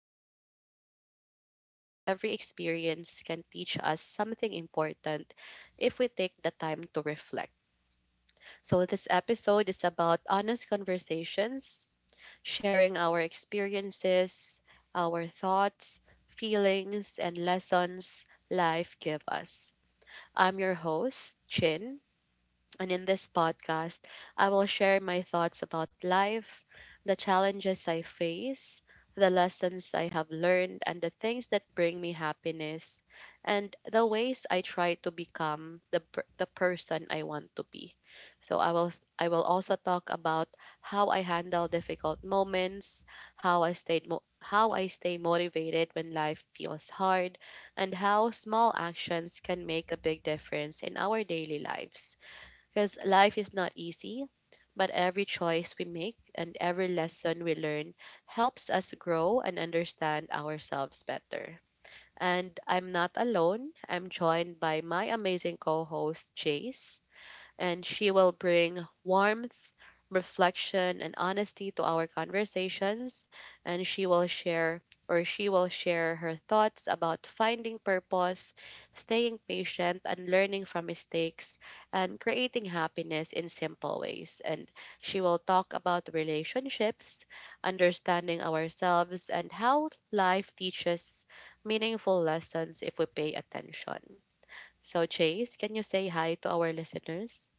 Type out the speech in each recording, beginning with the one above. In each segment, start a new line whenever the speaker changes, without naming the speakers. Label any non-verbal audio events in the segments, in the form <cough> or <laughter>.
of ups and downs, and every experience can teach us something important if we take the time to reflect. So, this episode is about honest conversations, sharing our experiences, our thoughts, feelings, and lessons life give us. I'm your host, Chin, and in this podcast, I will share my thoughts about life, the challenges I face, the lessons I have learned, and the things that bring me happiness, and the ways I try to become the person I want to be. I will also talk about how I handle difficult moments, how I stay motivated when life feels hard, and how small actions can make a big difference in our daily lives. Because life is not easy, but every choice we make and every lesson we learn helps us grow and understand ourselves better. And I'm not alone. I'm joined by my amazing co host, Chase, and she will bring warmth, reflection, and honesty to our conversations. And she will share or she will share her thoughts about finding purpose, staying patient, and learning from mistakes, and creating happiness in simple ways. And she will talk about relationships, understanding ourselves, and how life teaches meaningful lessons if we pay attention. So, Chase, can you say hi to our listeners?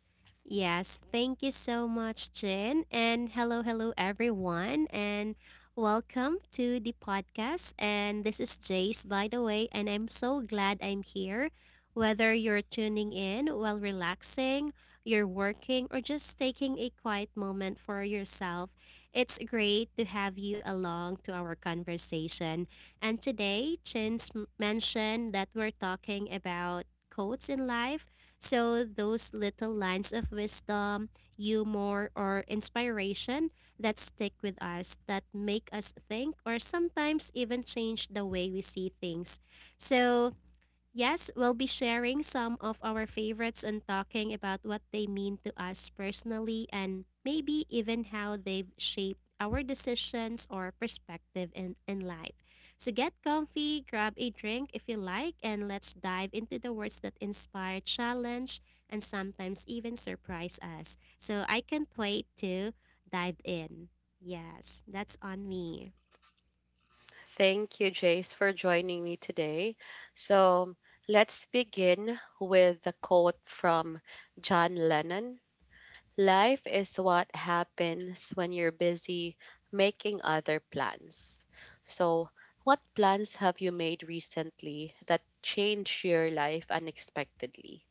Yes, thank you so much, Jin. And hello, hello, everyone. And welcome to the podcast. And this is Jace, by the way. And I'm so glad I'm here. Whether you're tuning in while relaxing, you're working, or just taking a quiet moment for yourself, it's great to have you along to our conversation. And today, Chin's m- mentioned that we're talking about quotes in life, so those little lines of wisdom, humor, or inspiration that stick with us, that make us think, or sometimes even change the way we see things. So, Yes, we'll be sharing some of our favorites and talking about what they mean to us personally and maybe even how they've shaped our decisions or perspective in life. So get comfy, grab a drink if you like, and let's dive into the words that inspire, challenge, and sometimes even surprise us. So I can't wait to dive in. Yes, that's on me.
Thank you, Jace, for joining me today. So let's begin with the quote from John Lennon: life is what happens when you're busy making other plans. So, what plans have you made recently that changed your life unexpectedly?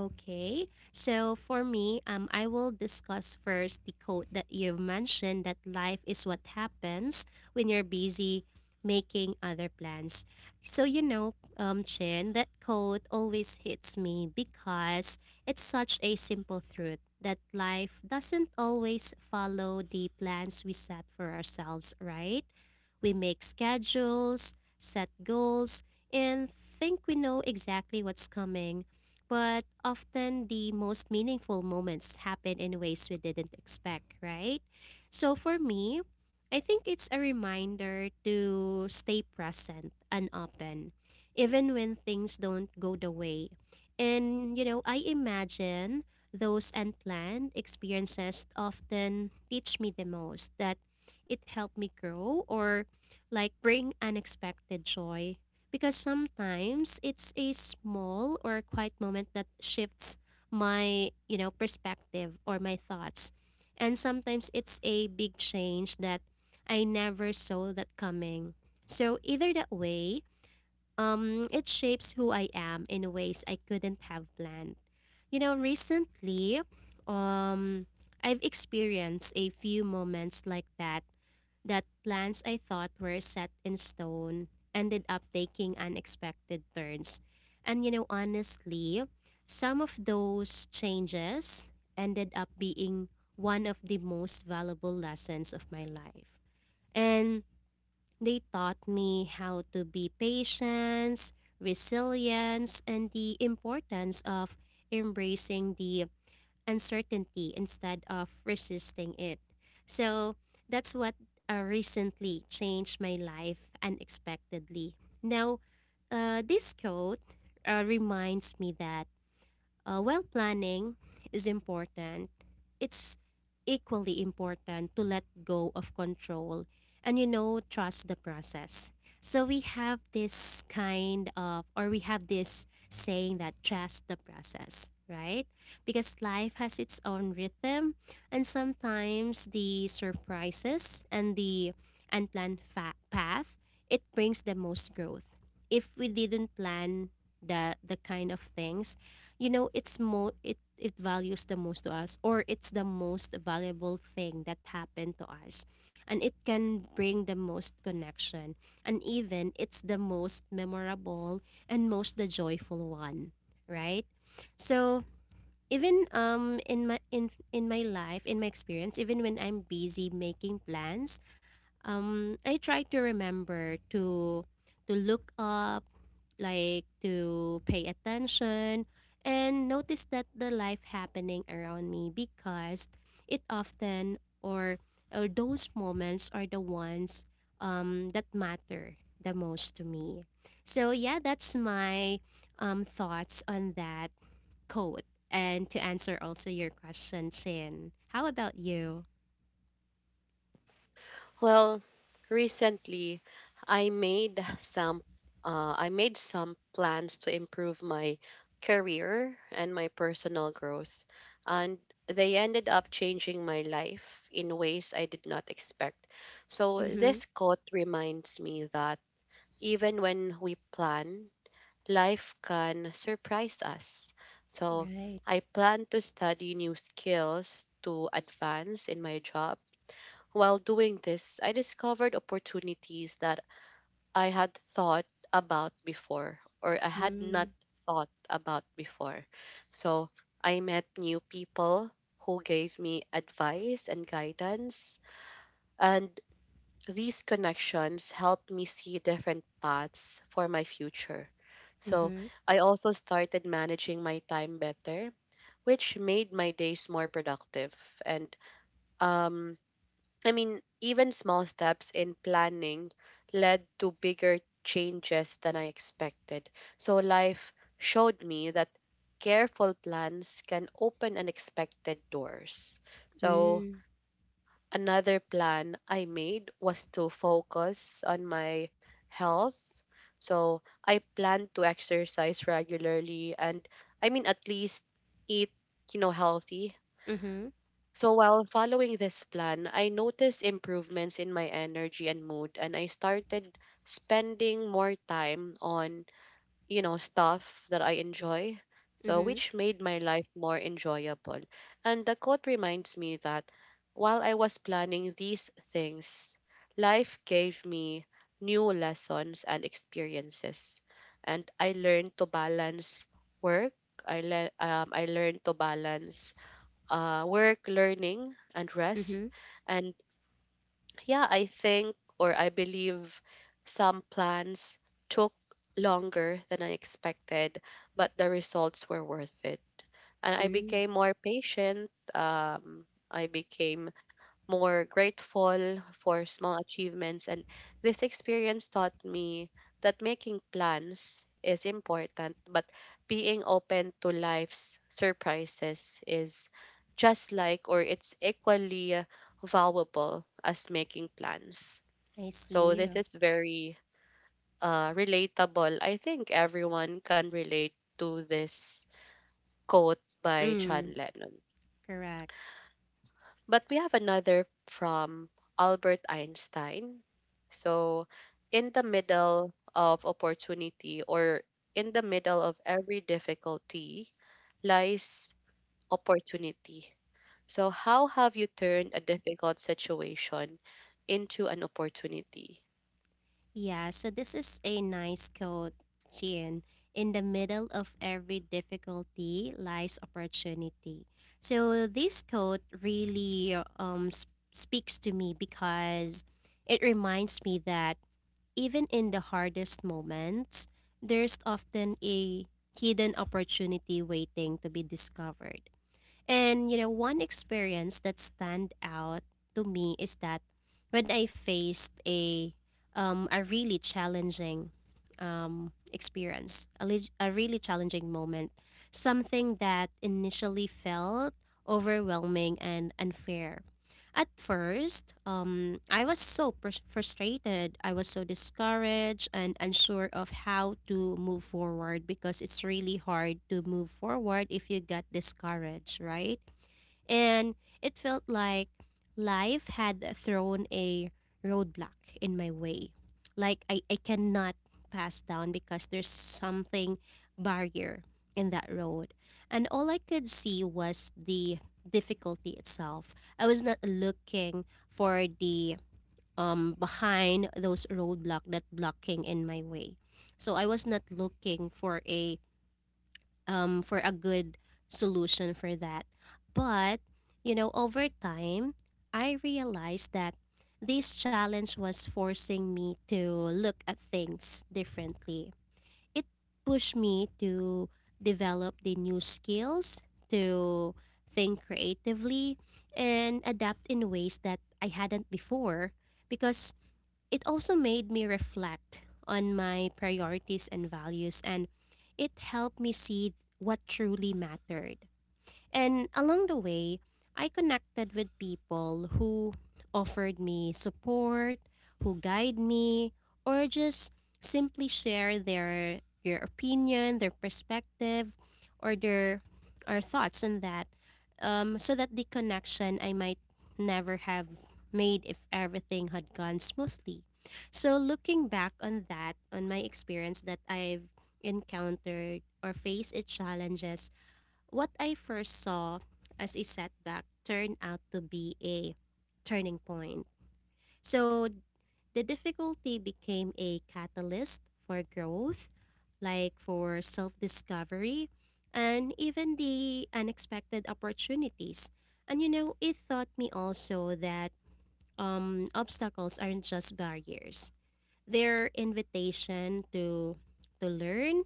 Okay. So for me, I will discuss first the quote that you've mentioned, that life is what happens when you're busy making other plans. So you know, Chin, that quote always hits me because it's such a simple truth that life doesn't always follow the plans we set for ourselves, right? We make schedules, set goals, and think we know exactly what's coming, but often the most meaningful moments happen in ways we didn't expect, right? So for me, I think it's a reminder to stay present and open, even when things don't go the way. And, you know, I imagine those unplanned experiences often teach me the most, that it helped me grow or like bring unexpected joy, because sometimes it's a small or quiet moment that shifts my, you know, perspective or my thoughts, and sometimes it's a big change that I never saw that coming. So either that way, it shapes who I am in ways I couldn't have planned. You know, recently, um I've experienced a few moments like that, that plans I thought were set in stone ended up taking unexpected turns. And you know, honestly, some of those changes ended up being one of the most valuable lessons of my life. And they taught me how to be patient, resilience, and the importance of embracing the uncertainty instead of resisting it. So that's what recently changed my life unexpectedly. Now, this quote reminds me that while planning is important, it's equally important to let go of control and, you know, trust the process. So we have this kind of, or we have this saying that trust the process, right? Because life has its own rhythm, and sometimes the surprises and the path, it brings the most growth. If we didn't plan, the kind of things, you know, it it values the most to us, or it's the most valuable thing that happened to us, and it can bring the most connection, and even it's the most memorable and most the joyful one, right? So even, in my in my life, in my experience, even when I'm busy making plans, I try to remember to look up, like to pay attention and notice that the life happening around me, because it often, or those moments are the ones that matter the most to me. So yeah, that's my thoughts on that quote, and to answer also your question, Sin. How about you?
Well, recently I made some I made some plans to improve my career and my personal growth, and they ended up changing my life in ways I did not expect. So
Mhm.
this quote reminds me that even when we plan, life can surprise us. So
Right.
I plan to study new skills to advance in my job. While doing this, I discovered opportunities that I had thought I had not thought about before. So I met new people who gave me advice and guidance. And these connections helped me see different paths for my future. So
Mm-hmm.
I also started managing my time better, which made my days more productive. And um, I mean, even small steps in planning led to bigger changes than I expected. So life showed me that careful plans can open unexpected doors. So
Mm.
another plan I made was to focus on my health. So I planned to exercise regularly and, I mean, at least eat, you know, healthy.
Mm-hmm.
So while following this plan, I noticed improvements in my energy and mood, and I started spending more time on, you know, stuff that I enjoy. So
Mm-hmm.
which made my life more enjoyable. And the quote reminds me that while I was planning these things, life gave me new lessons and experiences. And I learned to balance work. I learned to balance work, learning, and rest.
Mm-hmm.
And yeah, I think or I believe some plans took longer than I expected, but the results were worth it. And I
Mm.
became more patient. I became more grateful for small achievements. And this experience taught me that making plans is important, but being open to life's surprises is just like or it's equally valuable as making plans.
I see.
So this
You.
is very relatable. I think everyone can relate to this quote by John
Mm.
Lennon.
Correct.
But we have another from Albert Einstein. So, in the middle of opportunity or in the middle of every difficulty lies opportunity. So, how have you turned a difficult situation into an opportunity?
Yeah, so this is a nice quote, Chin. In the middle of every difficulty lies opportunity. So this quote really speaks to me because it reminds me that even in the hardest moments, there's often a hidden opportunity waiting to be discovered. And you know, one experience that stand out to me is that when I faced a really challenging experience, a really challenging moment, something that initially felt overwhelming and unfair. At first, I was so frustrated. I was so discouraged and unsure of how to move forward, because it's really hard to move forward if you got discouraged, right? And it felt like life had thrown a roadblock in my way. Like I cannot pass down because there's something barrier in that road. And all I could see was the difficulty itself. I was not looking for the behind those roadblock that blocking in my way. So I was not looking for a good solution for that. But, you know, over time, I realized that this challenge was forcing me to look at things differently. It pushed me to develop the new skills, to think creatively, and adapt in ways that I hadn't before, because it also made me reflect on my priorities and values, and it helped me see what truly mattered. And along the way, I connected with people who offered me support, who guide me, or just simply share their opinion, their perspective, or their or thoughts on that. So that the connection I might never have made if everything had gone smoothly. So looking back on that, on my experience that I've encountered or faced its challenges, what I first saw as a setback turned out to be a turning point. So the difficulty became a catalyst for growth, like for self discovery, and even the unexpected opportunities. And you know, it taught me also that, obstacles aren't just barriers, they're invitation to learn,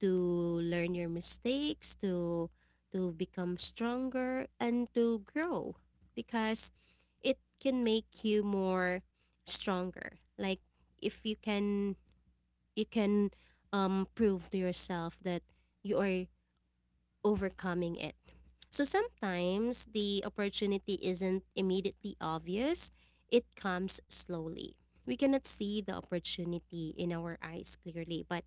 to learn your mistakes, to become stronger and to grow, because it can make you more stronger. Like if you can, you can prove to yourself that you are overcoming it. So sometimes the opportunity isn't immediately obvious. It comes slowly. We cannot see the opportunity in our eyes clearly, but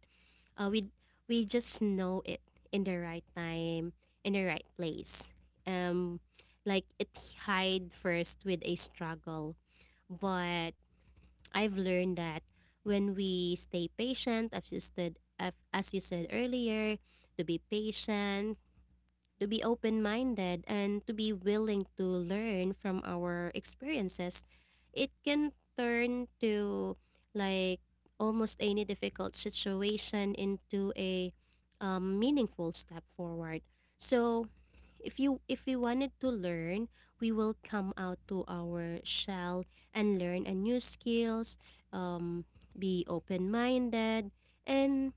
uh, we we just know it in the right time, in the right place. Um, like it hide first with a struggle, but I've learned that when we stay patient, as you said, as you said earlier, to be patient, to be open minded, and to be willing to learn from our experiences, it can turn to like almost any difficult situation into a, meaningful step forward. So, if we wanted to learn, we will come out to our shell and learn a new skills, um, be open-minded and,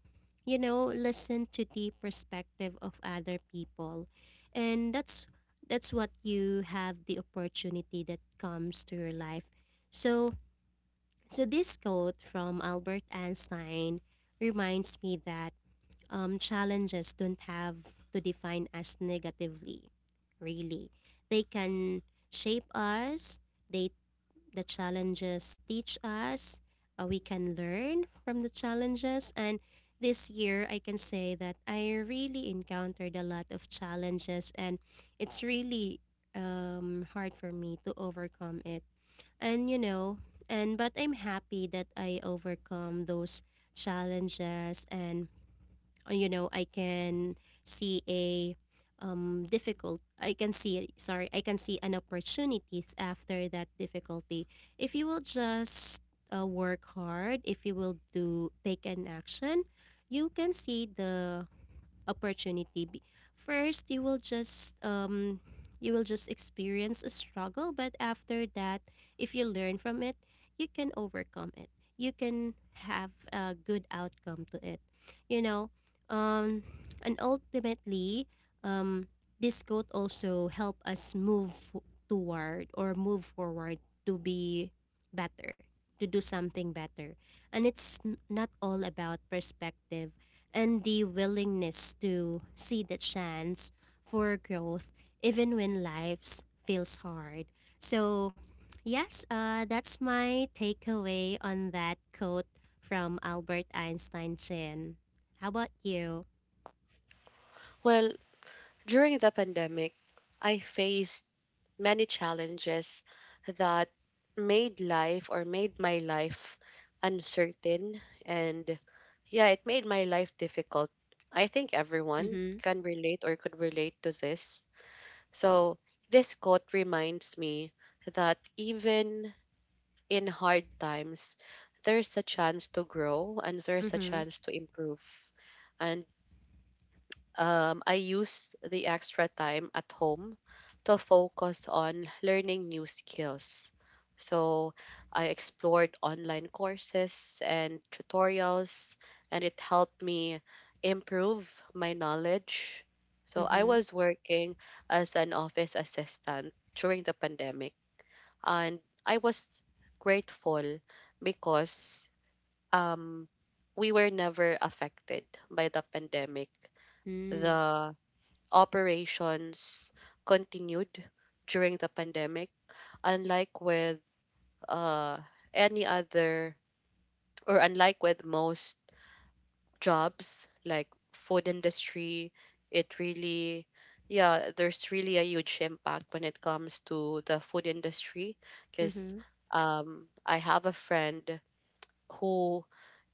you know, listen to the perspective of other people. And that's what you have the opportunity that comes to your life. So so this quote from Albert Einstein reminds me that, challenges don't have to define us negatively, really. They can shape us, they, the challenges teach us, we can learn from the challenges, and this year I can say that I really encountered a lot of challenges, and it's really hard for me to overcome it. And you know, and but I'm happy that I overcome those challenges, and you know, I can see a difficult I can see sorry I can see an opportunities after that difficulty. If you will just work hard, if you will do take an action, you can see the opportunity. First you will just experience a struggle, but after that, if you learn from it, you can overcome it, you can have a good outcome to it, you know. um and ultimately, um this quote also help us toward or move forward, to be better, to do something better. And it's not all about perspective and the willingness to see the chance for growth even when life feels hard. So, yes, that's my takeaway on that quote from Albert Einstein, Chin. How about you?
Well, during the pandemic, I faced many challenges that made life or made my life uncertain, and yeah, it made my life difficult. I think everyone
Mm-hmm.
can relate or could relate to this. So this quote reminds me that even in hard times, there's a chance to grow and there's a
Mm-hmm.
chance to improve. I used the extra time at home to focus on learning new skills. So I explored online courses and tutorials, and it helped me improve my knowledge. So I
Mm-hmm.
was working as an office assistant during the pandemic, and I was grateful because um, we were never affected by the pandemic.
Mm.
The operations continued during the pandemic, unlike with uh, any other, or unlike with most jobs like food industry. It really, yeah, there's really a huge impact when it comes to the food industry because
Mm-hmm.
I have a friend who,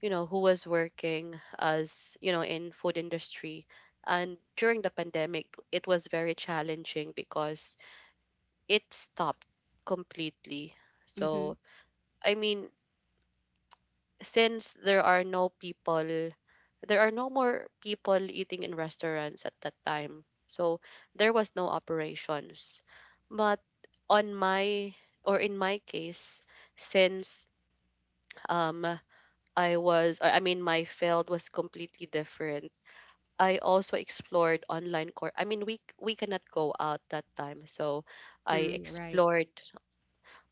you know, who was working as, you know, in food industry, and during the pandemic it was very challenging because it stopped completely.
Mm-hmm.
So, I mean, since there are no people, there are no more people eating in restaurants at that time. So, there was no operations. But on my or in my case, since um I mean my field was completely different. I also explored online course. I mean, we cannot go out that time. So I
Mm. Right.
explored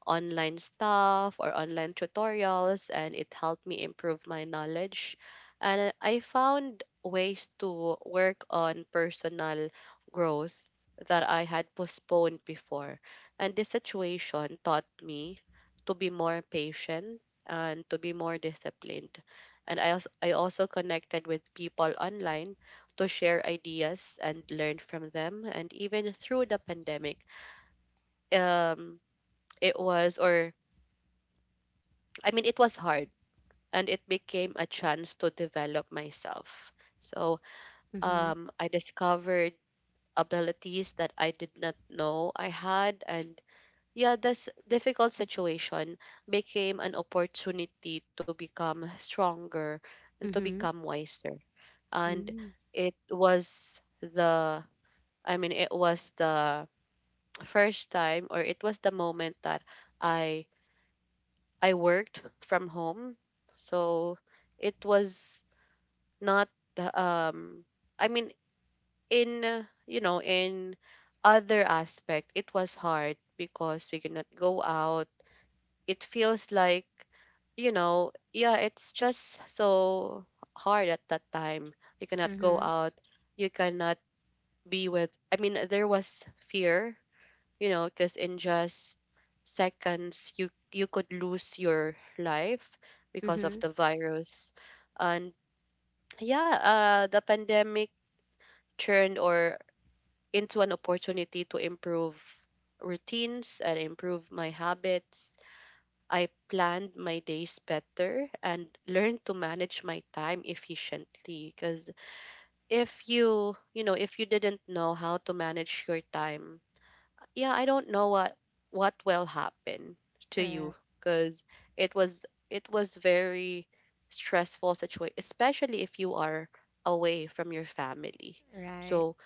online stuff or online tutorials, and it helped me improve my knowledge. And I found ways to work on personal growth that I had postponed before. And this situation taught me to be more patient and to be more disciplined. And I also connected with people online to share ideas and learn from them. And even through the pandemic, um, it was or, I mean, it was hard, and it became a chance to develop myself. So
Mm-hmm.
I discovered abilities that I did not know I had. And yeah, this difficult situation became an opportunity to become stronger and to
Mm-hmm.
become wiser. And
Mm.
it was the, I mean, it was the first time or it was the moment that I I worked from home. So it was not, um I mean in, you know, in other aspect it was hard because we cannot go out. It feels like, you know, yeah, it's just so hard at that time. You cannot go
Mm-hmm.
out, you cannot be with, I mean, there was fear, you know, because in just seconds you you could lose your life because of
Mm-hmm.
the virus. And yeah, the pandemic turned or into an opportunity to improve routines and improve my habits. I planned my days better and learned to manage my time efficiently because if you, you know, if you didn't know how to manage your time, yeah, I don't know what will happen to you
Correct.
because it was, it was very stressful situation, especially if you are away from your family. So,
Right.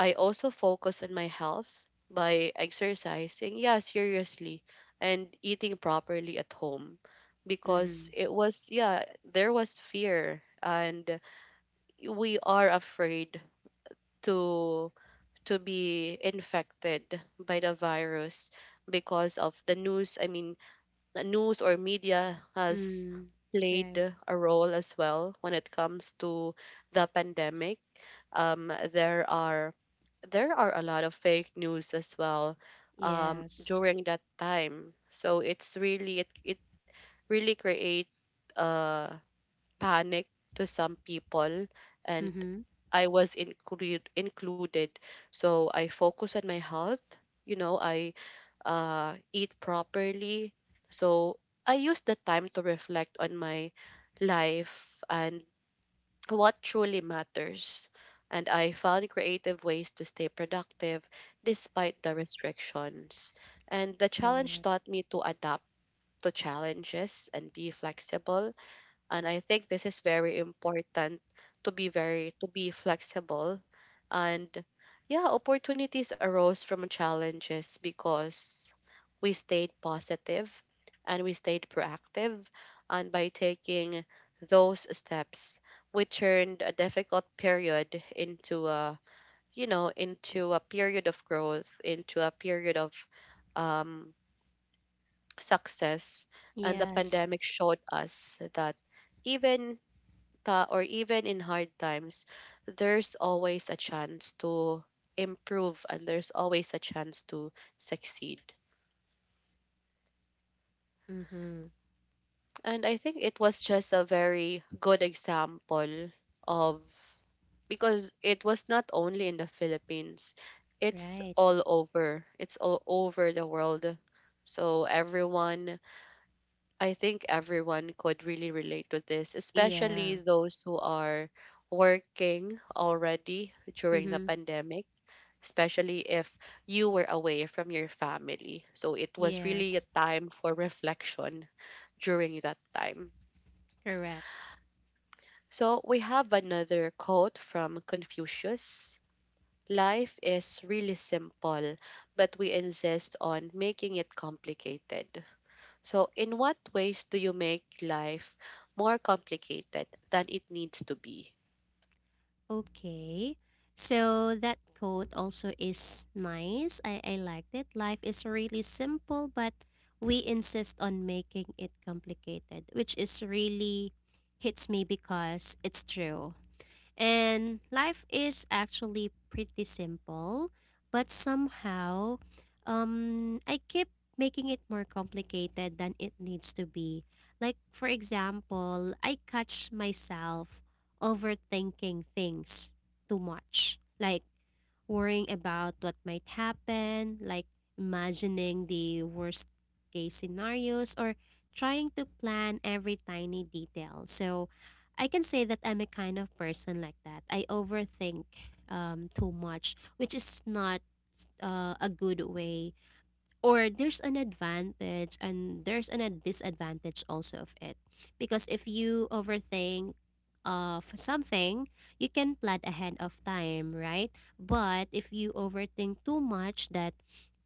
I also focus on my health by exercising, yeah, seriously, and eating properly at home because
Mm-hmm.
it was, yeah, there was fear, and we are afraid to to be infected by the virus because of the news. I mean, the news or media has
Mm.
played
Right.
a role as well when it comes to the pandemic. Um, there are there are a lot of fake news as well
Yes.
during that time. So it's really it really create uh, panic to some people, and
Mm-hmm.
I was included included. So I focus on my health. You know, I eat properly. So I use the time to reflect on my life and what truly matters. And I found creative ways to stay productive despite the restrictions. And the challenge
Correct.
taught me to adapt to challenges and be flexible. And I think this is very important to be very to be flexible, and yeah, opportunities arose from challenges because we stayed positive and we stayed proactive. And by taking those steps, we turned a difficult period into a, you know, into a period of growth, into a period of um, success. And the
Yes.
pandemic showed us that even or even in hard times, there's always a chance to improve and there's always a chance to succeed.
Mm-hmm.
And I think it was just a very good example of, because it was not only in the Philippines, it's
Right.
all over. It's all over the world. So everyone, I think everyone could really relate to this, especially
Yeah.
those who are working already during the
Mm-hmm.
pandemic, especially if you were away from your family. So it was really a
Yes.
time for reflection during that time.
Correct.
So we have another quote from Confucius: life is really simple, but we insist on making it complicated. So, in what ways do you make life more complicated than it needs to be?
Okay. So that quote also is nice. I liked it. Life is really simple, but we insist on making it complicated, which is really hits me because it's true. And life is actually pretty simple, but somehow, I keep making it more complicated than it needs to be. Like, for example, I catch myself overthinking things too much. Like, worrying about what might happen, like imagining the worst case scenarios or trying to plan every tiny detail. So I can say that I'm a kind of person like that. I overthink too much, which is not a good way, or there's an advantage and there's an a disadvantage also of it, because if you overthink of something you can plan ahead of time, right? But if you overthink too much, that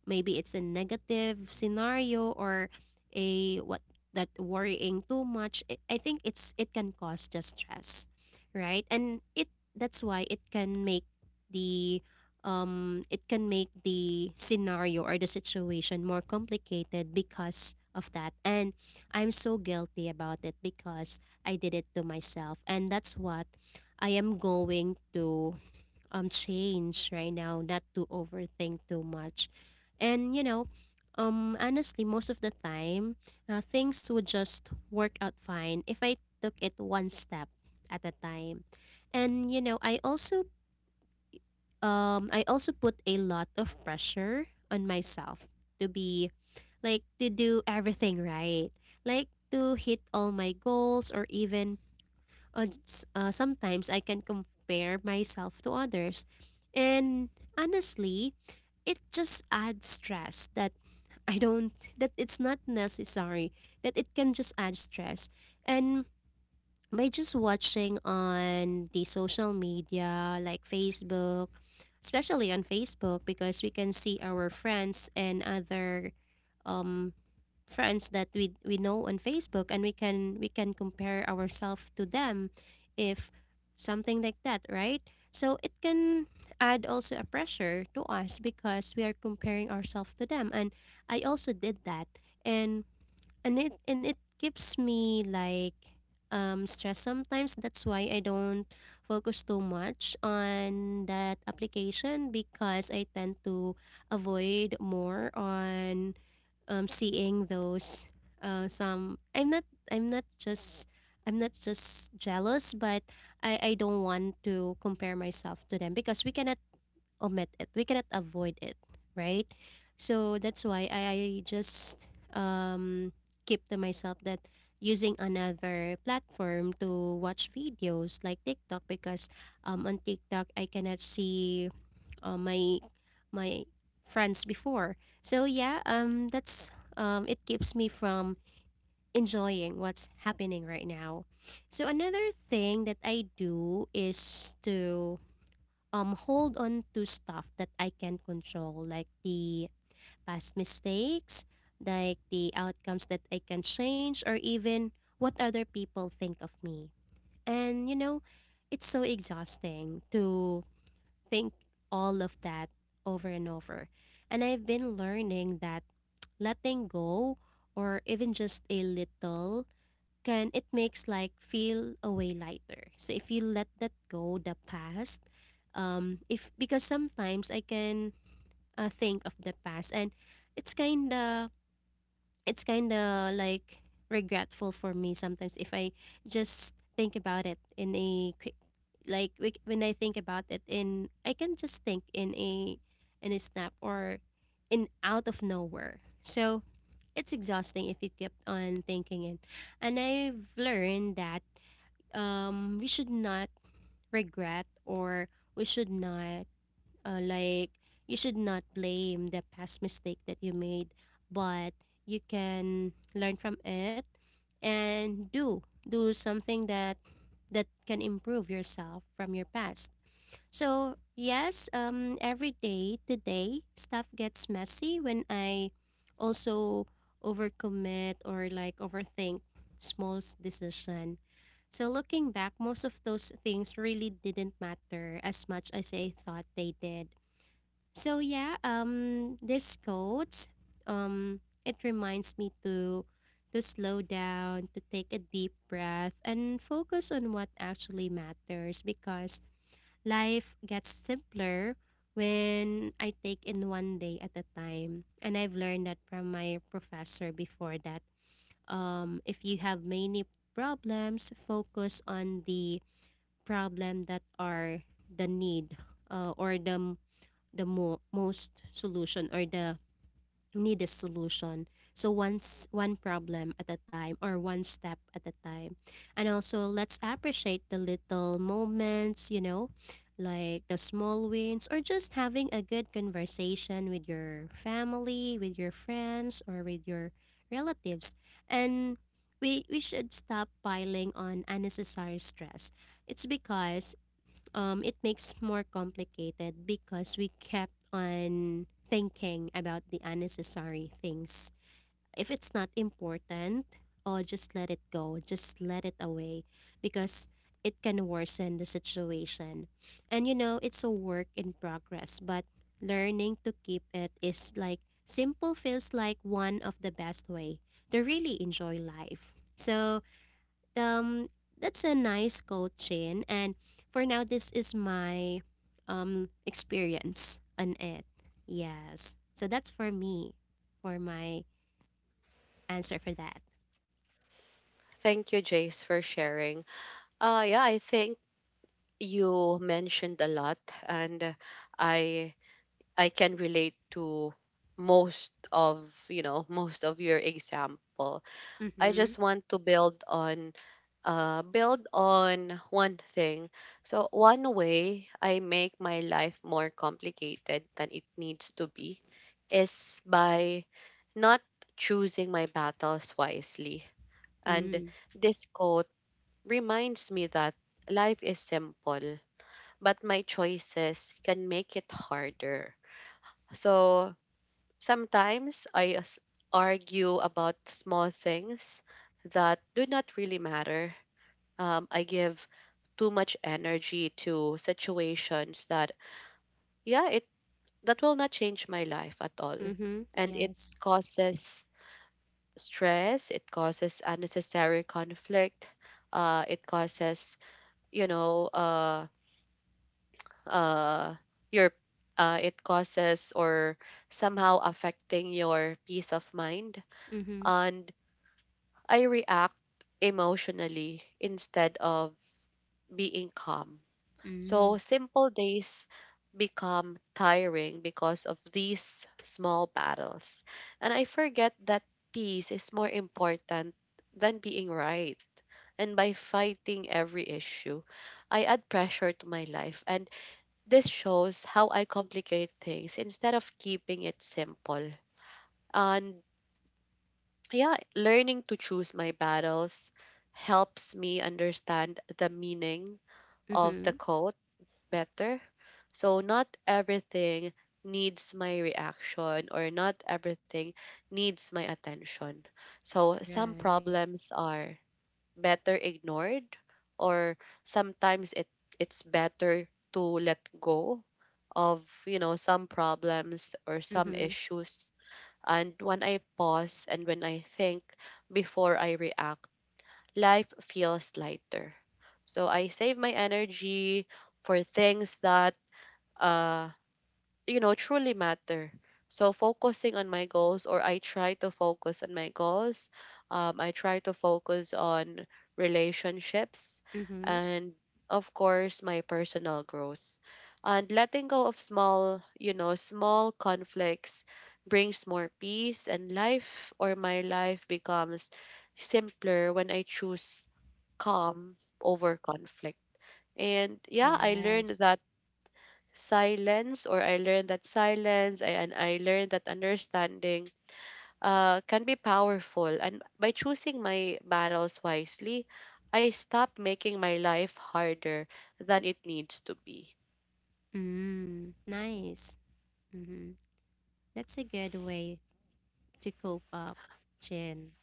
maybe it's a negative scenario, or a what, that worrying too much, I think it's, it can cause just stress, right? And it, that's why it can make the it can make the scenario or the situation more complicated because of that. And I'm so guilty about it because I did it to myself, and that's what I am going to change right now, not to overthink too much. And honestly, most of the time, things would just work out fine if I took it one step at a time. And I also put a lot of pressure on myself to be, like, to do everything right. Like, to hit all my goals, or even sometimes I can compare myself to others. And honestly, it just adds stress, that I don't, that it's not necessary, that it can just add stress. And by just watching on the social media like Facebook, especially on Facebook, because we can see our friends and other um, friends that we know on Facebook, and we can compare ourselves to them, if something like that, right? So it can add also a pressure to us because we are comparing ourselves to them. And I also did that. And and it keeps me, like, stress sometimes, that's why I don't focus too much on that application because I tend to avoid more on seeing those, some I'm not just I'm not just jealous, but I don't want to compare myself to them because we cannot omit it, we cannot avoid it, right? So that's why I just um, keep to myself, that using another platform to watch videos like TikTok because on TikTok I cannot see uh, my my friends before. So yeah, that's it keeps me from enjoying what's happening right now. So another thing that I do is to hold on to stuff that I can control, like the past mistakes, like the outcomes that I can change, or even what other people think of me. And you know, it's so exhausting to think all of that over and over. And I've been learning that letting go, or even just a little, can, it makes, like, feel a way lighter. So if you let that go, the past, if because sometimes I can think of the past, and it's kinda it's kind of like regretful for me sometimes, if I just think about it in a quick, when I think about it in, I can just think in a, in a snap, or in out of nowhere. So it's exhausting if you kept on thinking it. And I've learned that we should not regret, or we should not, uh, like you should not blame the past mistake that you made, but you can learn from it, and do something that can improve yourself from your past. So yes, every day today stuff gets messy when I also overcommit, or like overthink small decision. So looking back, most of those things really didn't matter as much as I thought they did. So yeah, this quote, it reminds me to slow down, to take a deep breath, and focus on what actually matters because life gets simpler when I take in one day at a time. And I've learned that from my professor before that if you have many problems, focus on the problem that are the need, or the most solution, or the needed solution. So once one problem at a time, or one step at a time. And also let's appreciate the little moments, you know, like the small wins, or just having a good conversation with your family, with your friends, or with your relatives. And we should stop piling on unnecessary stress. It's because, it makes more complicated because we kept on thinking about the unnecessary things. If it's not important, oh, just let it go, just let it away, because it can worsen the situation. And you know, it's a work in progress, but learning to keep it is, like, simple feels like one of the best way to really enjoy life. So, um that's a nice quote, Chin. And for now, this is my experience on it. Yes, so that's for me, for my answer for that.
Thank you, Jace, for sharing. Yeah, I think you mentioned a lot, and I I can relate to most of, you know, most of your example. I
Mm-hmm.
just want to build on build on one thing. So one way I make my life more complicated than it needs to be is by not choosing my battles wisely. And
Mm.
this quote reminds me that life is simple, but my choices can make it harder. So sometimes argue about small things that do not really matter. I give too much energy to situations that, yeah, it that will not change my life at all,
Mm-hmm.
and it
Yes.
causes stress. It causes unnecessary conflict. It causes, you know, uh, uh, your, it causes or somehow affecting your peace of mind,
Mm-hmm.
and I react emotionally instead of being calm. So
Mm.
simple days become tiring because of these small battles. And I forget that peace is more important than being right. And by fighting every issue, I add pressure to my life. And this shows how I complicate things instead of keeping it simple. And yeah, learning to choose my battles helps me understand the meaning of the
Mm-hmm.
quote better. So, not everything needs my reaction, or not everything needs my attention. So, some
Right.
problems are better ignored, or sometimes it's better to let go of, you know, some problems or some
Mm-hmm.
issues. And when I pause and when I think before I react, life feels lighter. So I save my energy for things that uh, truly matter. So focusing on my goals, or I try to focus on my goals. I try to focus on relationships,
Mm-hmm.
and of course, my personal growth. And letting go of small, small conflicts brings more peace, and life or my life becomes simpler when I choose calm over conflict. And yeah,
Yes.
I learned that silence I, and I learned that understanding can be powerful. And by choosing my battles wisely, I stopped making my life harder than it needs to be.
Mm. Nice. Mm-hmm. That's a good way to cope up, Chin.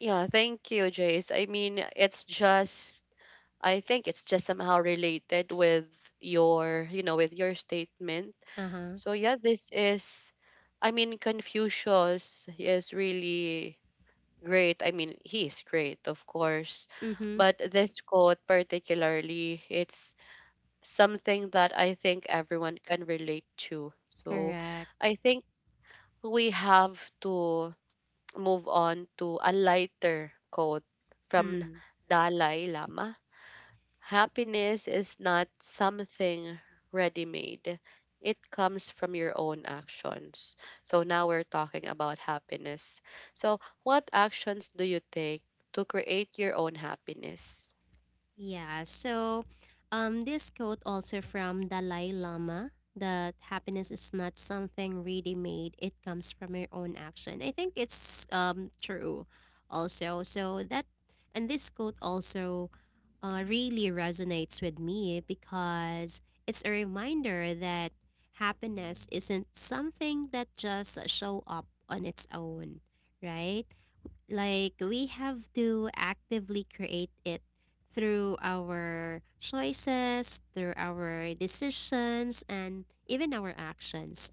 Yeah, thank you, Jace. I mean, it's just, I think it's just somehow related with your, you know, with your statement.
Uh-huh.
So, yeah, this is, I mean, Confucius is really great. I mean, he's great, of course.
Mm-hmm.
But this quote, particularly, it's something that I think everyone can relate to. So
Correct.
I think we have to move on to a lighter quote from
Mm.
Dalai Lama. Happiness is not something ready made. It comes from your own actions. So now we're talking about happiness. So, what actions do you take to create your own happiness?
Yeah, so this quote also from Dalai Lama, that happiness is not something really made, it comes from your own action. I think it's true also. So that, and this quote also really resonates with me because it's a reminder that happiness isn't something that just show up on its own, right? Like, we have to actively create it through our choices, through our decisions, and even our actions.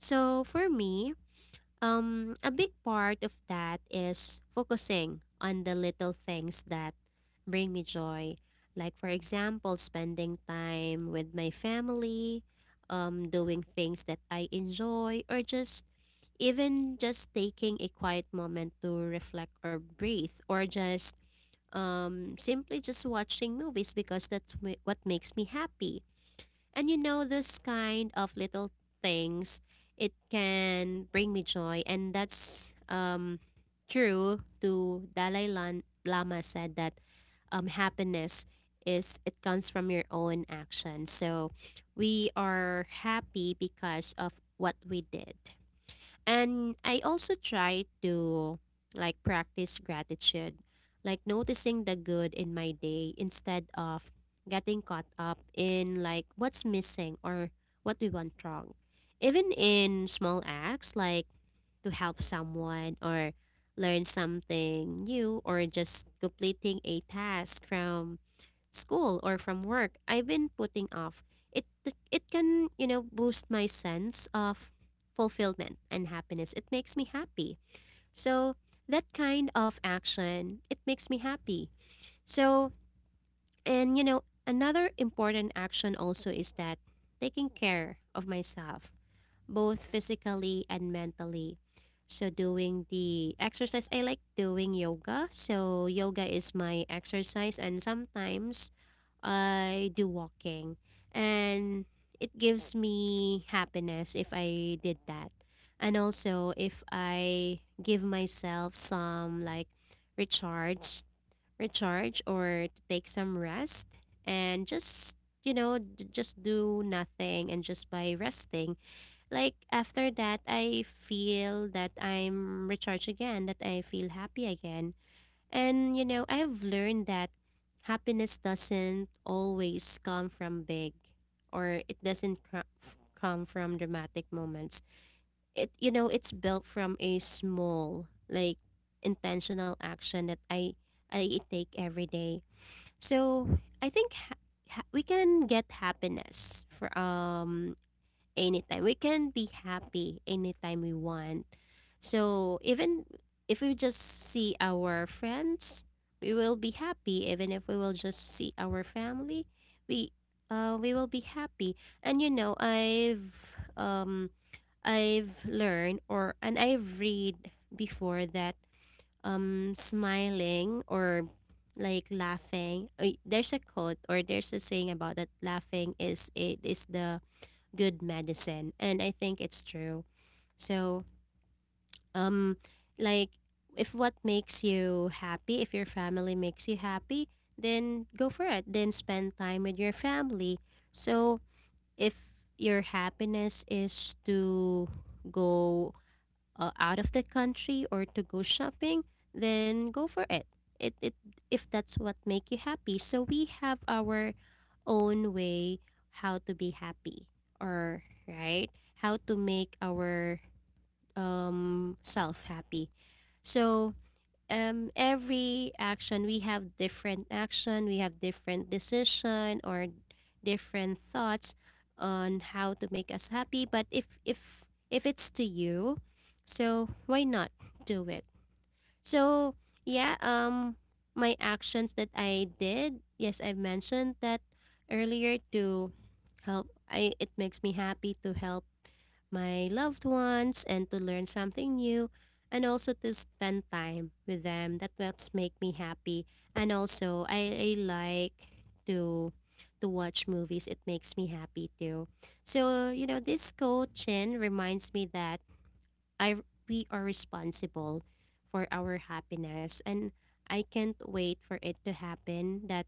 So for me, um, a big part of that is focusing on the little things that bring me joy. Like, for example, spending time with my family, doing things that I enjoy, or just even just taking a quiet moment to reflect or breathe, or just simply just watching movies because what makes me happy. And those kind of little things, it can bring me joy. And that's true to Dalai Lama said that happiness is, it comes from your own action. So we are happy because of what we did. And I also try to, like, practice gratitude, like noticing the good in my day instead of getting caught up in, like, what's missing or what we went wrong. Even in small acts, like to help someone, or learn something new, or just completing a task from school or from work I've been putting off. It it can, boost my sense of fulfillment and happiness. It makes me happy. So that kind of action, it makes me happy. So, and another important action also is that taking care of myself, both physically and mentally. So doing the exercise, I like doing yoga. So yoga is my exercise, and sometimes I do walking, and it gives me happiness if I did that. And also if I give myself some, like, recharge recharge, or to take some rest, and just just do nothing, and just by resting, like, after that I feel that I'm recharged again, that I feel happy again. And I've learned that happiness doesn't always come from big, or it doesn't cr- f- come from dramatic moments. It, it's built from a small, like, intentional action that I take every day. So, I think, we can get happiness from anytime. We can be happy anytime we want. So even if we just see our friends, we will be happy. Even if we will just see our family, we we will be happy. And I've learned, or and I've read before that smiling, or like laughing, there's a quote or there's a saying about that, laughing is, it is the good medicine. And I think it's true. So, um, like, if what makes you happy, if your family makes you happy, then go for it. Then spend time with your family. So, if your happiness is to go out of the country, or to go shopping, then go for it. It, if that's what make you happy. So we have our own way how to be happy, or right, how to make our self happy. So, every action, we have different action, we have different decision, or different thoughts on how to make us happy. But if it's to you, so why not do it. So, yeah, my actions that I did, yes, I've mentioned that earlier, to help. I it makes me happy to help my loved ones, and to learn something new, and also to spend time with them, that what's make me happy. And also I like to to watch movies, it makes me happy too. So you know, this coaching reminds me that, I we are responsible for our happiness, and I can't wait for it to happen, that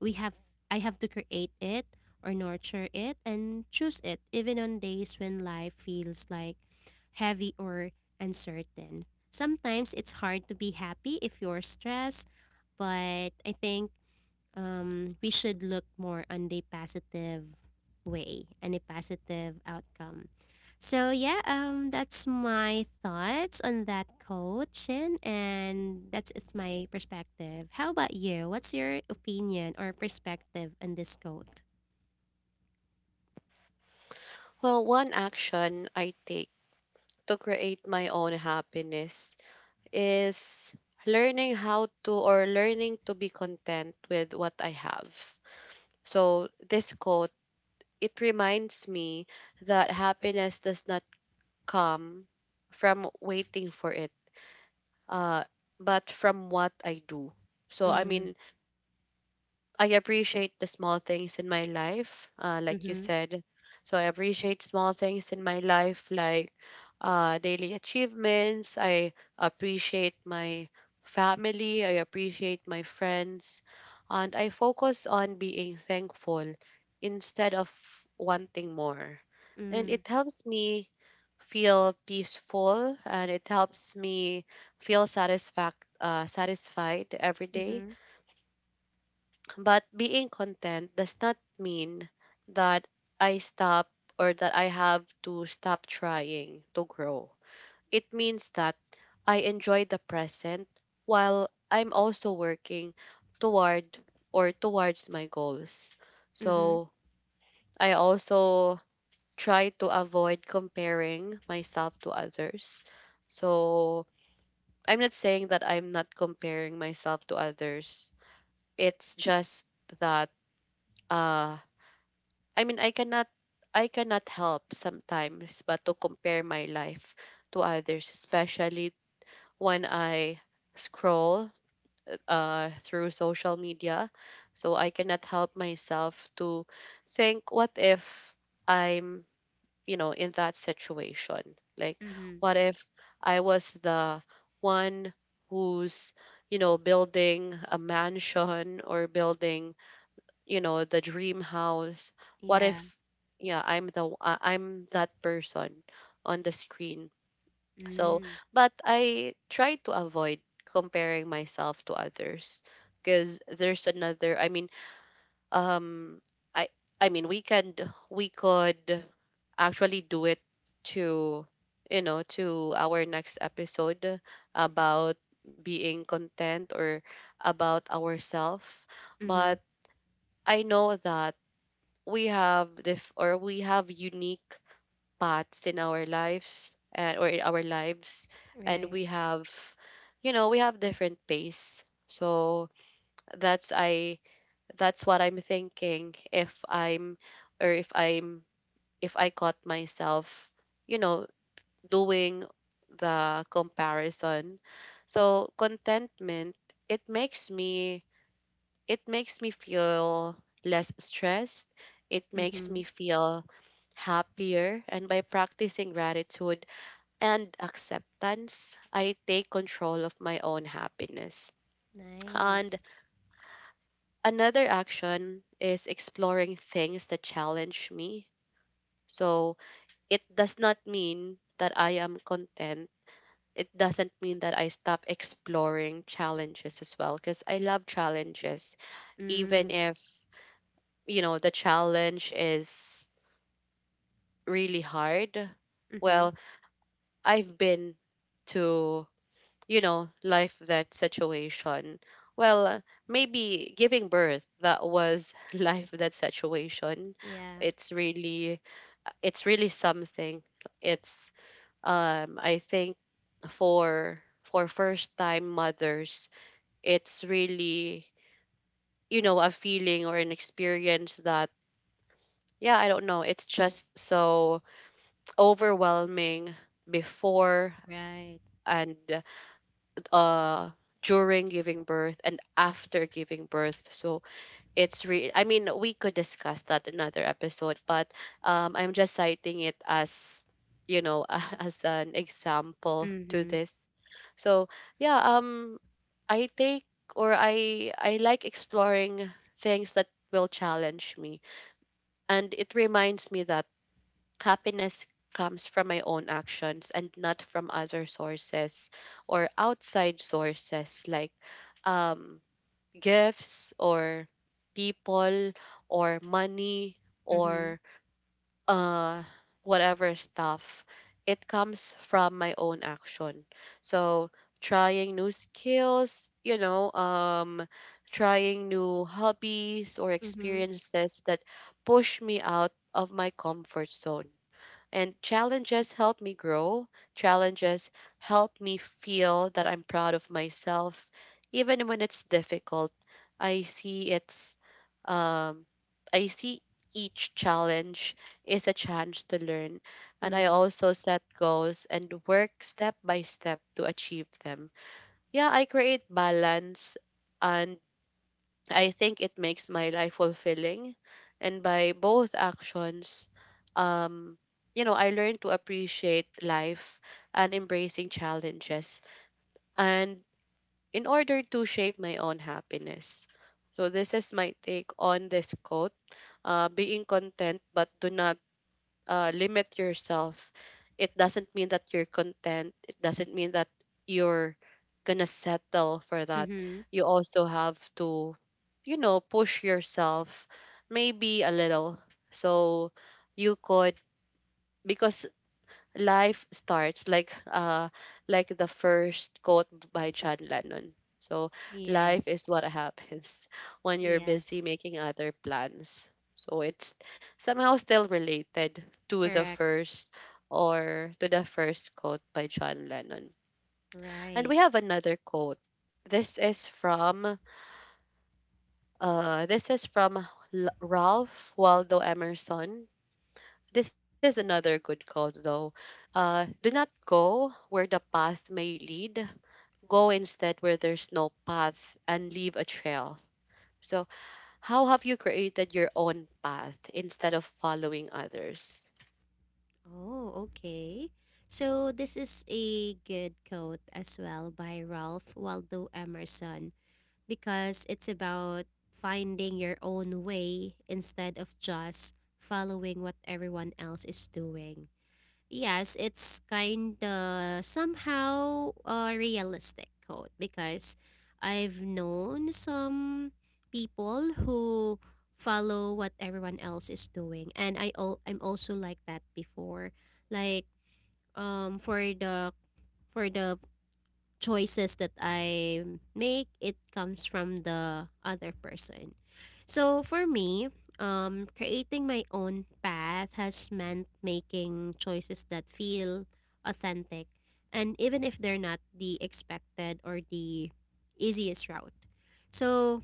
we have I have to create it, or nurture it, and choose it, even on days when life feels like heavy or uncertain. Sometimes it's hard to be happy if you're stressed, but I think, we should look more on the positive way and the positive outcome. So yeah, that's my thoughts on that coaching, and that's it's my perspective. How about you? What's your opinion or perspective on this quote?
Well, one action I take to create my own happiness is learning to be content with what I have. So, this quote, it reminds me that happiness does not come from waiting for it, uh, but from what I do. So, I
Mm.
mean, I appreciate the small things in my life, like you
Mm-hmm.
said. So, I appreciate small things in my life, like daily achievements. I appreciate my family. I appreciate my friends. And I focus on being thankful instead of wanting more, and
Mm.
it helps me feel peaceful, and it helps me feel satisfact satisfied every day.
Mm-hmm.
But being content does not mean that I stop, or that I have to stop trying to grow. It means that I enjoy the present while I'm also working toward towards my goals.
Mm-hmm.
So I also try to avoid comparing myself to others. So I'm not saying that I'm not comparing myself to others. It's just that uh I mean, I cannot help sometimes but to compare my life to others, especially when I scroll through social media. So I cannot help myself to think, what if I'm, you know, in that situation? Like,
Mm-hmm.
what if I was the one who's, you know, building a mansion or building, you know, the dream house? What
Yeah.
if, yeah, I'm that person on the screen. So,
Mm.
but I try to avoid comparing myself to others because there's another. I mean, um i I mean, we could actually do it to, you know, to our next episode about being content or about ourselves.
Mm-hmm.
But I know that we have unique paths in our lives, and we
Right.
have, you know, we have different pace. So that's i that's what I'm thinking if I'm, if I caught myself, you know, doing the comparison. So contentment, it makes me it makes me feel less stressed. It makes me
Mm-hmm.
feel happier. And by practicing gratitude and acceptance, I take control of my own happiness. And
Nice.
another action is exploring things that challenge me. So it does not mean that I am content. It doesn't mean that I stop exploring challenges as well, because I love challenges. Even
Mm.
if, you know, the challenge is really hard, well,
Mm-hmm.
I've been to, you know, life that situation. Well, maybe giving birth, that was <laughs> life that situation.
Yeah.
It's really, it's really something. It's I think for first time mothers, it's really, you know, a feeling or an experience that, yeah, I don't know, it's just so overwhelming before
Right.
and uh during giving birth and after giving birth. So I mean, we could discuss that another episode, but I'm just citing it as, you know, <laughs> as an example to
Mm-hmm.
this. So yeah, I take or I like exploring things that will challenge me. And it reminds me that happiness comes from my own actions and not from other sources or outside sources like, um, gifts or people or money
Mm-hmm.
or uh, whatever stuff. It comes from my own action. So trying new skills, you know, trying new hobbies or
Mm-hmm.
experiences that push me out of my comfort zone and challenges help me grow. Challenges help me feel that I'm proud of myself. Even when it's difficult, I see it's, um, I see each challenge is a chance to learn. And I
Mm.
also set goals and work step by step to achieve them. Yeah, I create balance, and I think it makes my life fulfilling. And by both actions, um, you know, I learned to appreciate life and embracing challenges and in order to shape my own happiness. So this is my take on this quote. Being content but do not limit yourself. It doesn't mean that you're content, it doesn't mean that you're gonna settle for that.
Mm-hmm.
You also have to, you know, push yourself maybe a little. So you could, because life starts like the first quote by John Lennon. So life is
Yes.
what happens <laughs> when you're busy
Yes.
making other plans. So it's somehow still related to the
Correct.
first quote by John Lennon. And we
Right.
have another quote. This is from Uh, this is from Ralph Waldo Emerson. This is another good quote, though. Do not go where the path may lead. Go instead where there's no path and leave a trail. So, how have you created your own path instead of following others?
Oh, okay. So this is a good quote as well by Ralph Waldo Emerson because it's about finding your own way instead of just following what everyone else is doing. Yes, it's kind of somehow a realistic quote because I've known some people who follow what everyone else is doing and I'm also like that before. Like um for the for the choices that I make, it comes from the other person. So for me, creating my own path has meant making choices that feel authentic, and even if they're not the expected or the easiest route. So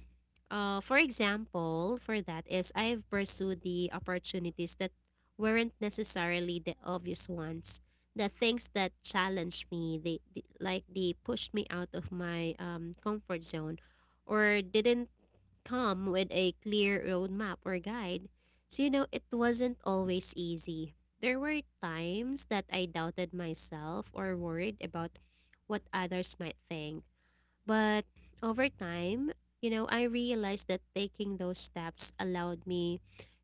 for example, for that is I've pursued the opportunities that weren't necessarily the obvious ones, the things that challenged me, they they pushed me out of my comfort zone, or didn't come with a clear roadmap or guide. So you know, it wasn't always easy. There were times that I doubted myself or worried about what others might think, but over time, you know, I realized that taking those steps allowed me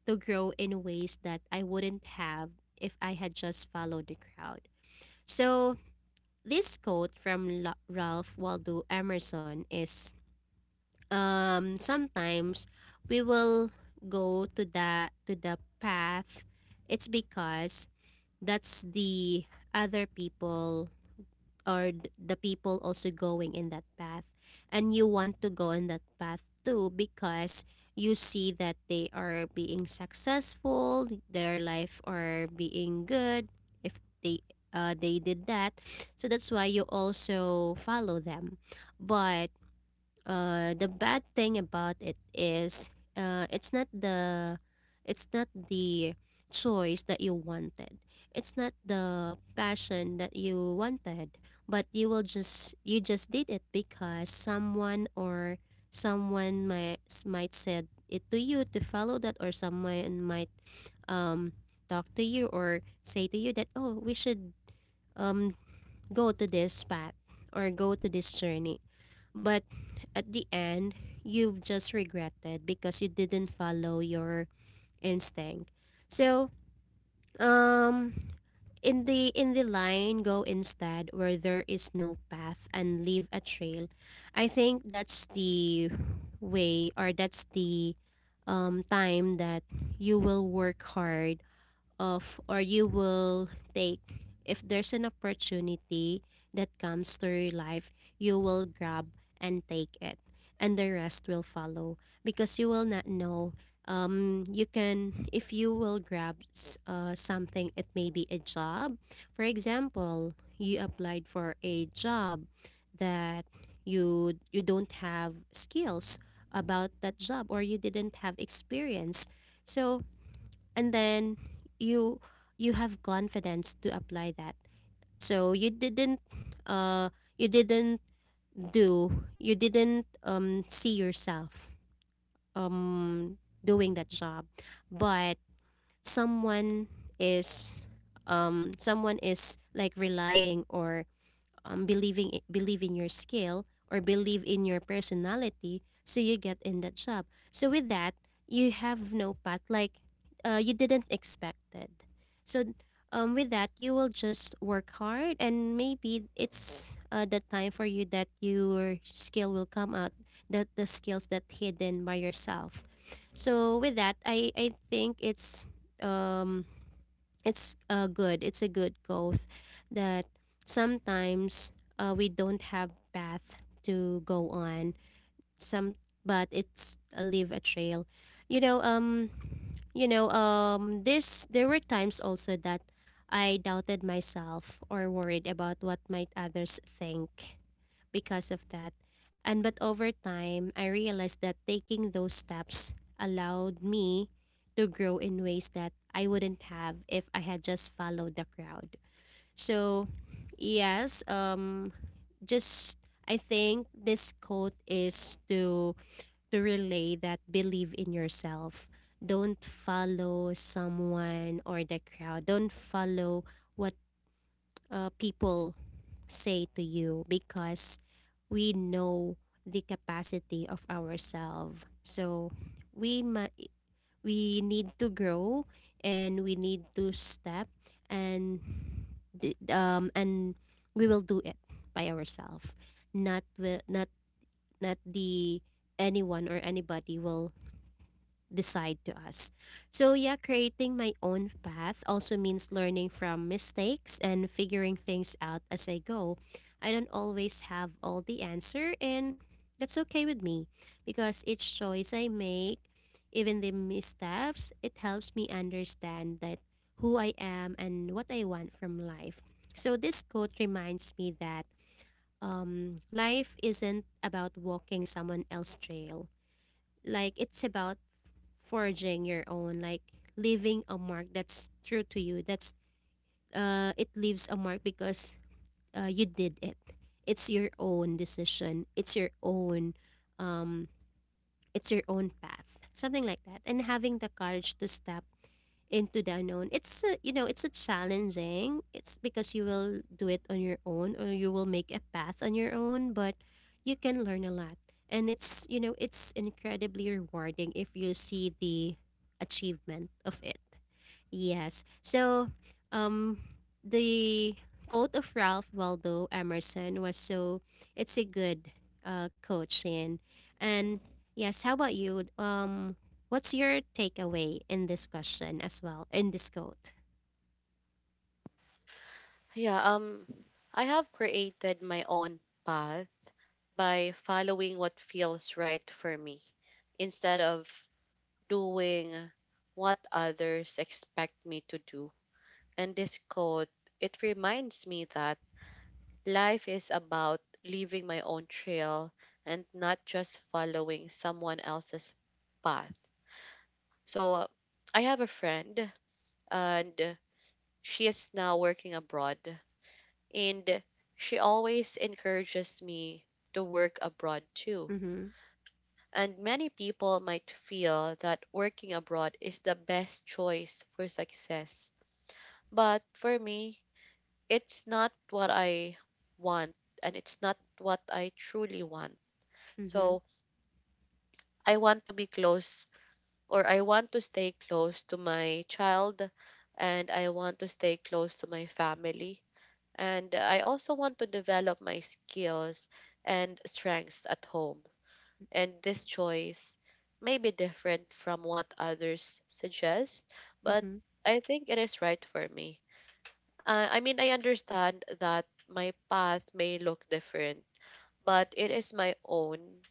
to grow in ways that I wouldn't have if I had just followed the crowd. So, this quote from Ralph Waldo Emerson is sometimes we will go to the path. It's because that's the other people, or the people also going in that path, and you want to go in that path too because you see that they are being successful, their life are being good. If they they did that, so that's why you also follow them. But the bad thing about it is uh, it's not the it's not the choice that you wanted. It's not the passion that you wanted, but you just did it because someone, or someone might said it to you to follow that, or someone might um talk to you or say to you that, oh, we should um go to this path or go to this journey. But at the end, you've just regretted because you didn't follow your instinct. So, um in the line, go instead where there is no path and leave a trail. I think that's the way, or that's the time that you will work hard of, or you will take, if there's an opportunity that comes to your life, you will grab and take it, and the rest will follow. Because you will not know, you can, if you will grab something. It may be a job. For example, you applied for a job that you don't have skills about that job, or you didn't have experience. So and then you you have confidence to apply that. So uh you didn't do you didn't see yourself um doing that job. But someone is someone is like relying, or believing believe in your skill, or believe in your personality, so you get in that job. So with that, you have no path, like you didn't expect it. So with that, you will just work hard, and maybe it's the time for you that your skill will come out, that the skills that hidden by yourself. So with that, I think it's um good. It's a good growth that sometimes we don't have path to go on. Some, but it's a leave a trail. You know, um, you know, this, there were times also that I doubted myself or worried about what might others think because of that. And but over time, I realized that taking those steps allowed me to grow in ways that I wouldn't have if I had just followed the crowd. So, yes, just I think this quote is to relay that believe in yourself. Don't follow someone or the crowd. Don't follow what people say to you, because we know the capacity of ourselves. So we ma- we need to grow, and we need to step and and we will do it by ourselves. Not wi- not not the anyone or anybody will decide to us. So, yeah, creating my own path also means learning from mistakes and figuring things out as I go. I don't always have all the answer, and that's okay with me, because each choice I make, even the missteps, it helps me understand that who I am and what I want from life. So, this quote reminds me that life isn't about walking someone else's trail. Like it's about forging your own, like leaving a mark that's true to you. That's it leaves a mark because you did it. It's your own decision. Um, it's your own path. Something like that. And having the courage to stop into the unknown. It's a, you know, it's a challenging. It's because you will do it on your own, or you will make a path on your own, but you can learn a lot. And it's, you know, it's incredibly rewarding if you see the achievement of it. Yes. So, um, the quote of Ralph Waldo Emerson was, so it's a good coach. And yes. How about you? What's your takeaway in this question as well in this quote?
Yeah, I have created my own path by following what feels right for me instead of doing what others expect me to do. And this quote, it reminds me that life is about leaving my own trail and not just following someone else's path. So I have a friend, and she is now working abroad, and she always encourages me to work abroad too.
Mm-hmm.
And many people might feel that working abroad is the best choice for success. But for me, it's not what I want, and it's not what I truly want.
Mm-hmm.
So I want to be close, or I want to stay close to my child, and I want to stay close to my family. And I also want to develop my skills and strengths at home. And this choice may be different from what others suggest, but
Mm-hmm.
I think it is right for me. I mean, I understand that my path may look different, but it is my own.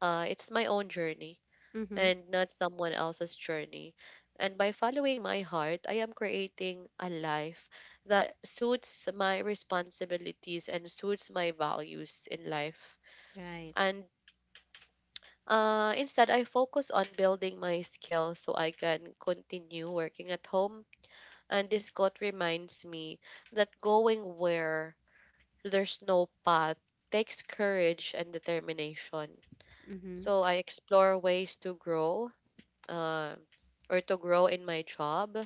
It's my own journey
Mm-hmm.
and not someone else's journey. And by following my heart, I am creating a life that suits my responsibilities and suits my values in life.
Right.
And instead, I focus on building my skills so I can continue working at home. And this quote reminds me that going where there's no path takes courage and determination.
Mm-hmm.
So I explore ways to grow uh, or to grow in my job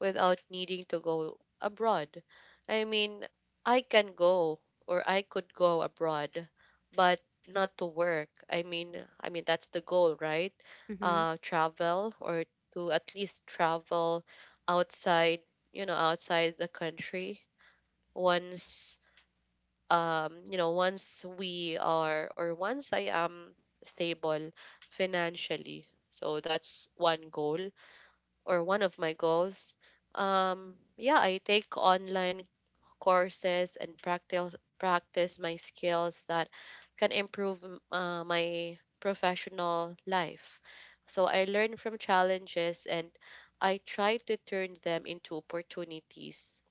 without needing to go abroad. I mean, I can go or I could go abroad, but not to work. I mean that's the goal, right?
Mm-hmm.
Travel or to at least travel outside, outside the country once once we are or once I am stable financially, so that's one goal or one of my goals. Yeah, I take online courses and practice my skills that can improve my professional life. So I learn from challenges and I try to turn them into opportunities,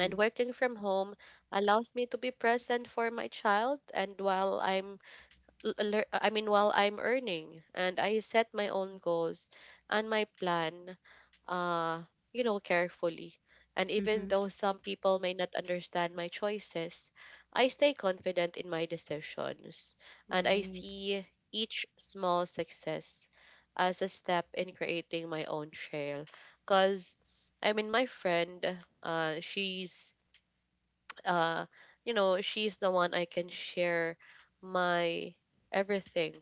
and working from home allows me to be present for my child, and while I'm while I'm earning, and I set my own goals and my plan uh carefully. And even
Mm-hmm.
though some people may not understand my choices, I stay confident in my decisions, and I
Nice.
see each small success as a step in creating my own trail. Cuz I mean my friend, she's, uh you know, she's the one I can share my everything,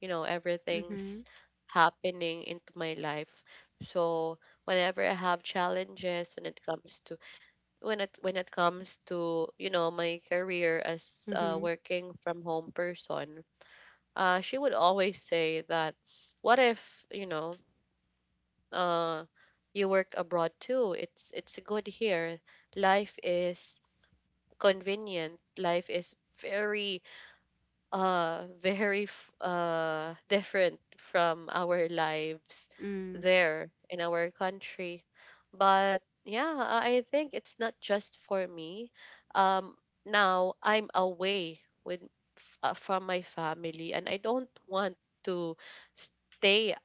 everything's
Mm-hmm.
happening into my life. So whenever I have challenges when it comes to, when it comes to, you know, my career as a
Mm-hmm.
working from home person, she would always say that, what if, you know, uh you work abroad too, it's good here, life is convenient, life is very, different from our lives
Mm.
there in our country. But yeah, I think it's not just for me. um Now I'm away with, from my family, and I don't want to stay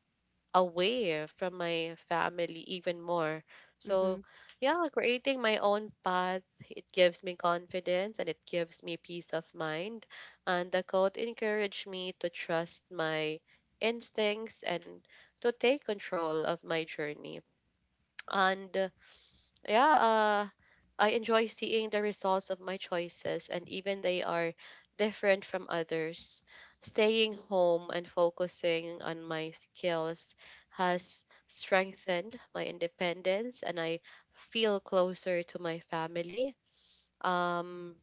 away from my family even more. So,
Mm-hmm.
yeah, creating my own path, it gives me confidence and it gives me peace of mind. And the quote encouraged me to trust my instincts and to take control of my journey. And uh, yeah, uh, I enjoy seeing the results of my choices, and even they are different from others. Staying home and focusing on my skills has strengthened my independence, and I feel closer to my family. Um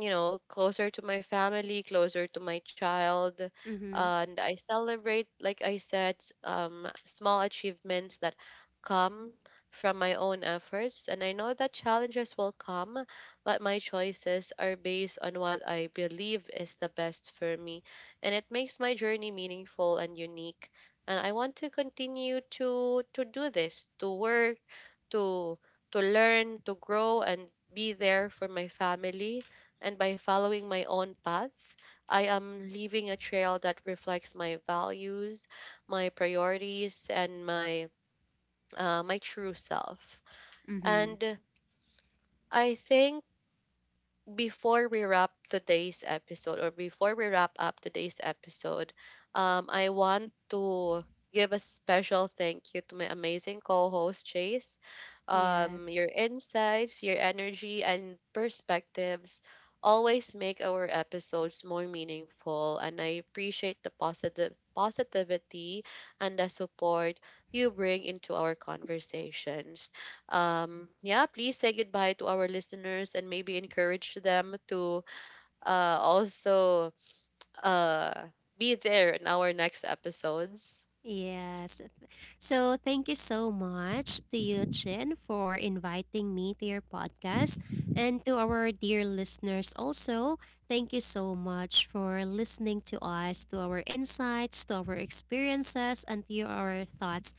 you know, closer to my family, closer to my child.
Mm-hmm.
And I celebrate, like I said, small achievements that come from my own efforts. And I know that challenges will come, but my choices are based on what I believe is the best for me, and it makes my journey meaningful and unique. And I want to continue to do this, to work to to learn, to grow, and be there for my family. And by following my own path, I am leaving a trail that reflects my values, my priorities, and my my true self.
Mm-hmm.
And I think before we wrap up today's episode, I want to give a special thank you to my amazing co-host Chase.
Yes.
Your insights, your energy, and perspectives always make our episodes more meaningful, and I appreciate the positive positivity and the support you bring into our conversations. Yeah, please say goodbye to our listeners and maybe encourage them to also uh, be there in our next episodes.
Yes. So, thank you so much to you, Chin, for inviting me to your podcast. And to our dear listeners, also, thank you so much for listening to us, to our insights, to our experiences, and to your- our thoughts,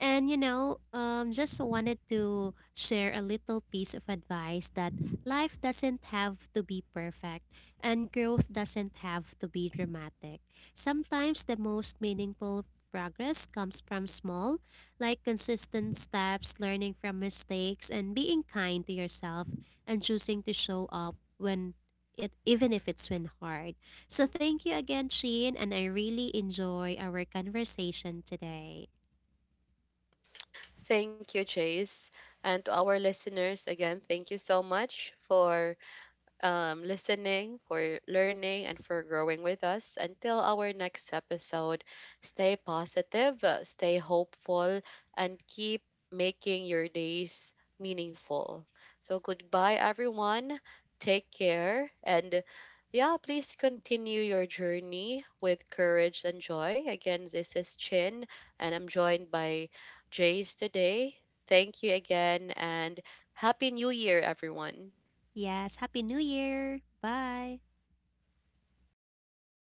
and you know, just wanted to share a little piece of advice that life doesn't have to be perfect, and growth doesn't have to be dramatic. Sometimes the most meaningful progress comes from small, like consistent steps, learning from mistakes, and being kind to yourself, and choosing to show up when it, even if it's when hard. So thank you again, Sheen, and I really enjoy our conversation today.
Thank you, Chase. And to our listeners, again, thank you so much for listening, for learning, and for growing with us. Until our next episode, stay positive, stay hopeful, and keep making your days meaningful. So, goodbye, everyone. Take care. And yeah, please continue your journey with courage and joy. Again, this is Chin, and I'm joined by Jace today. Thank you again, and Happy New Year, everyone.
Yes, Happy New Year. Bye.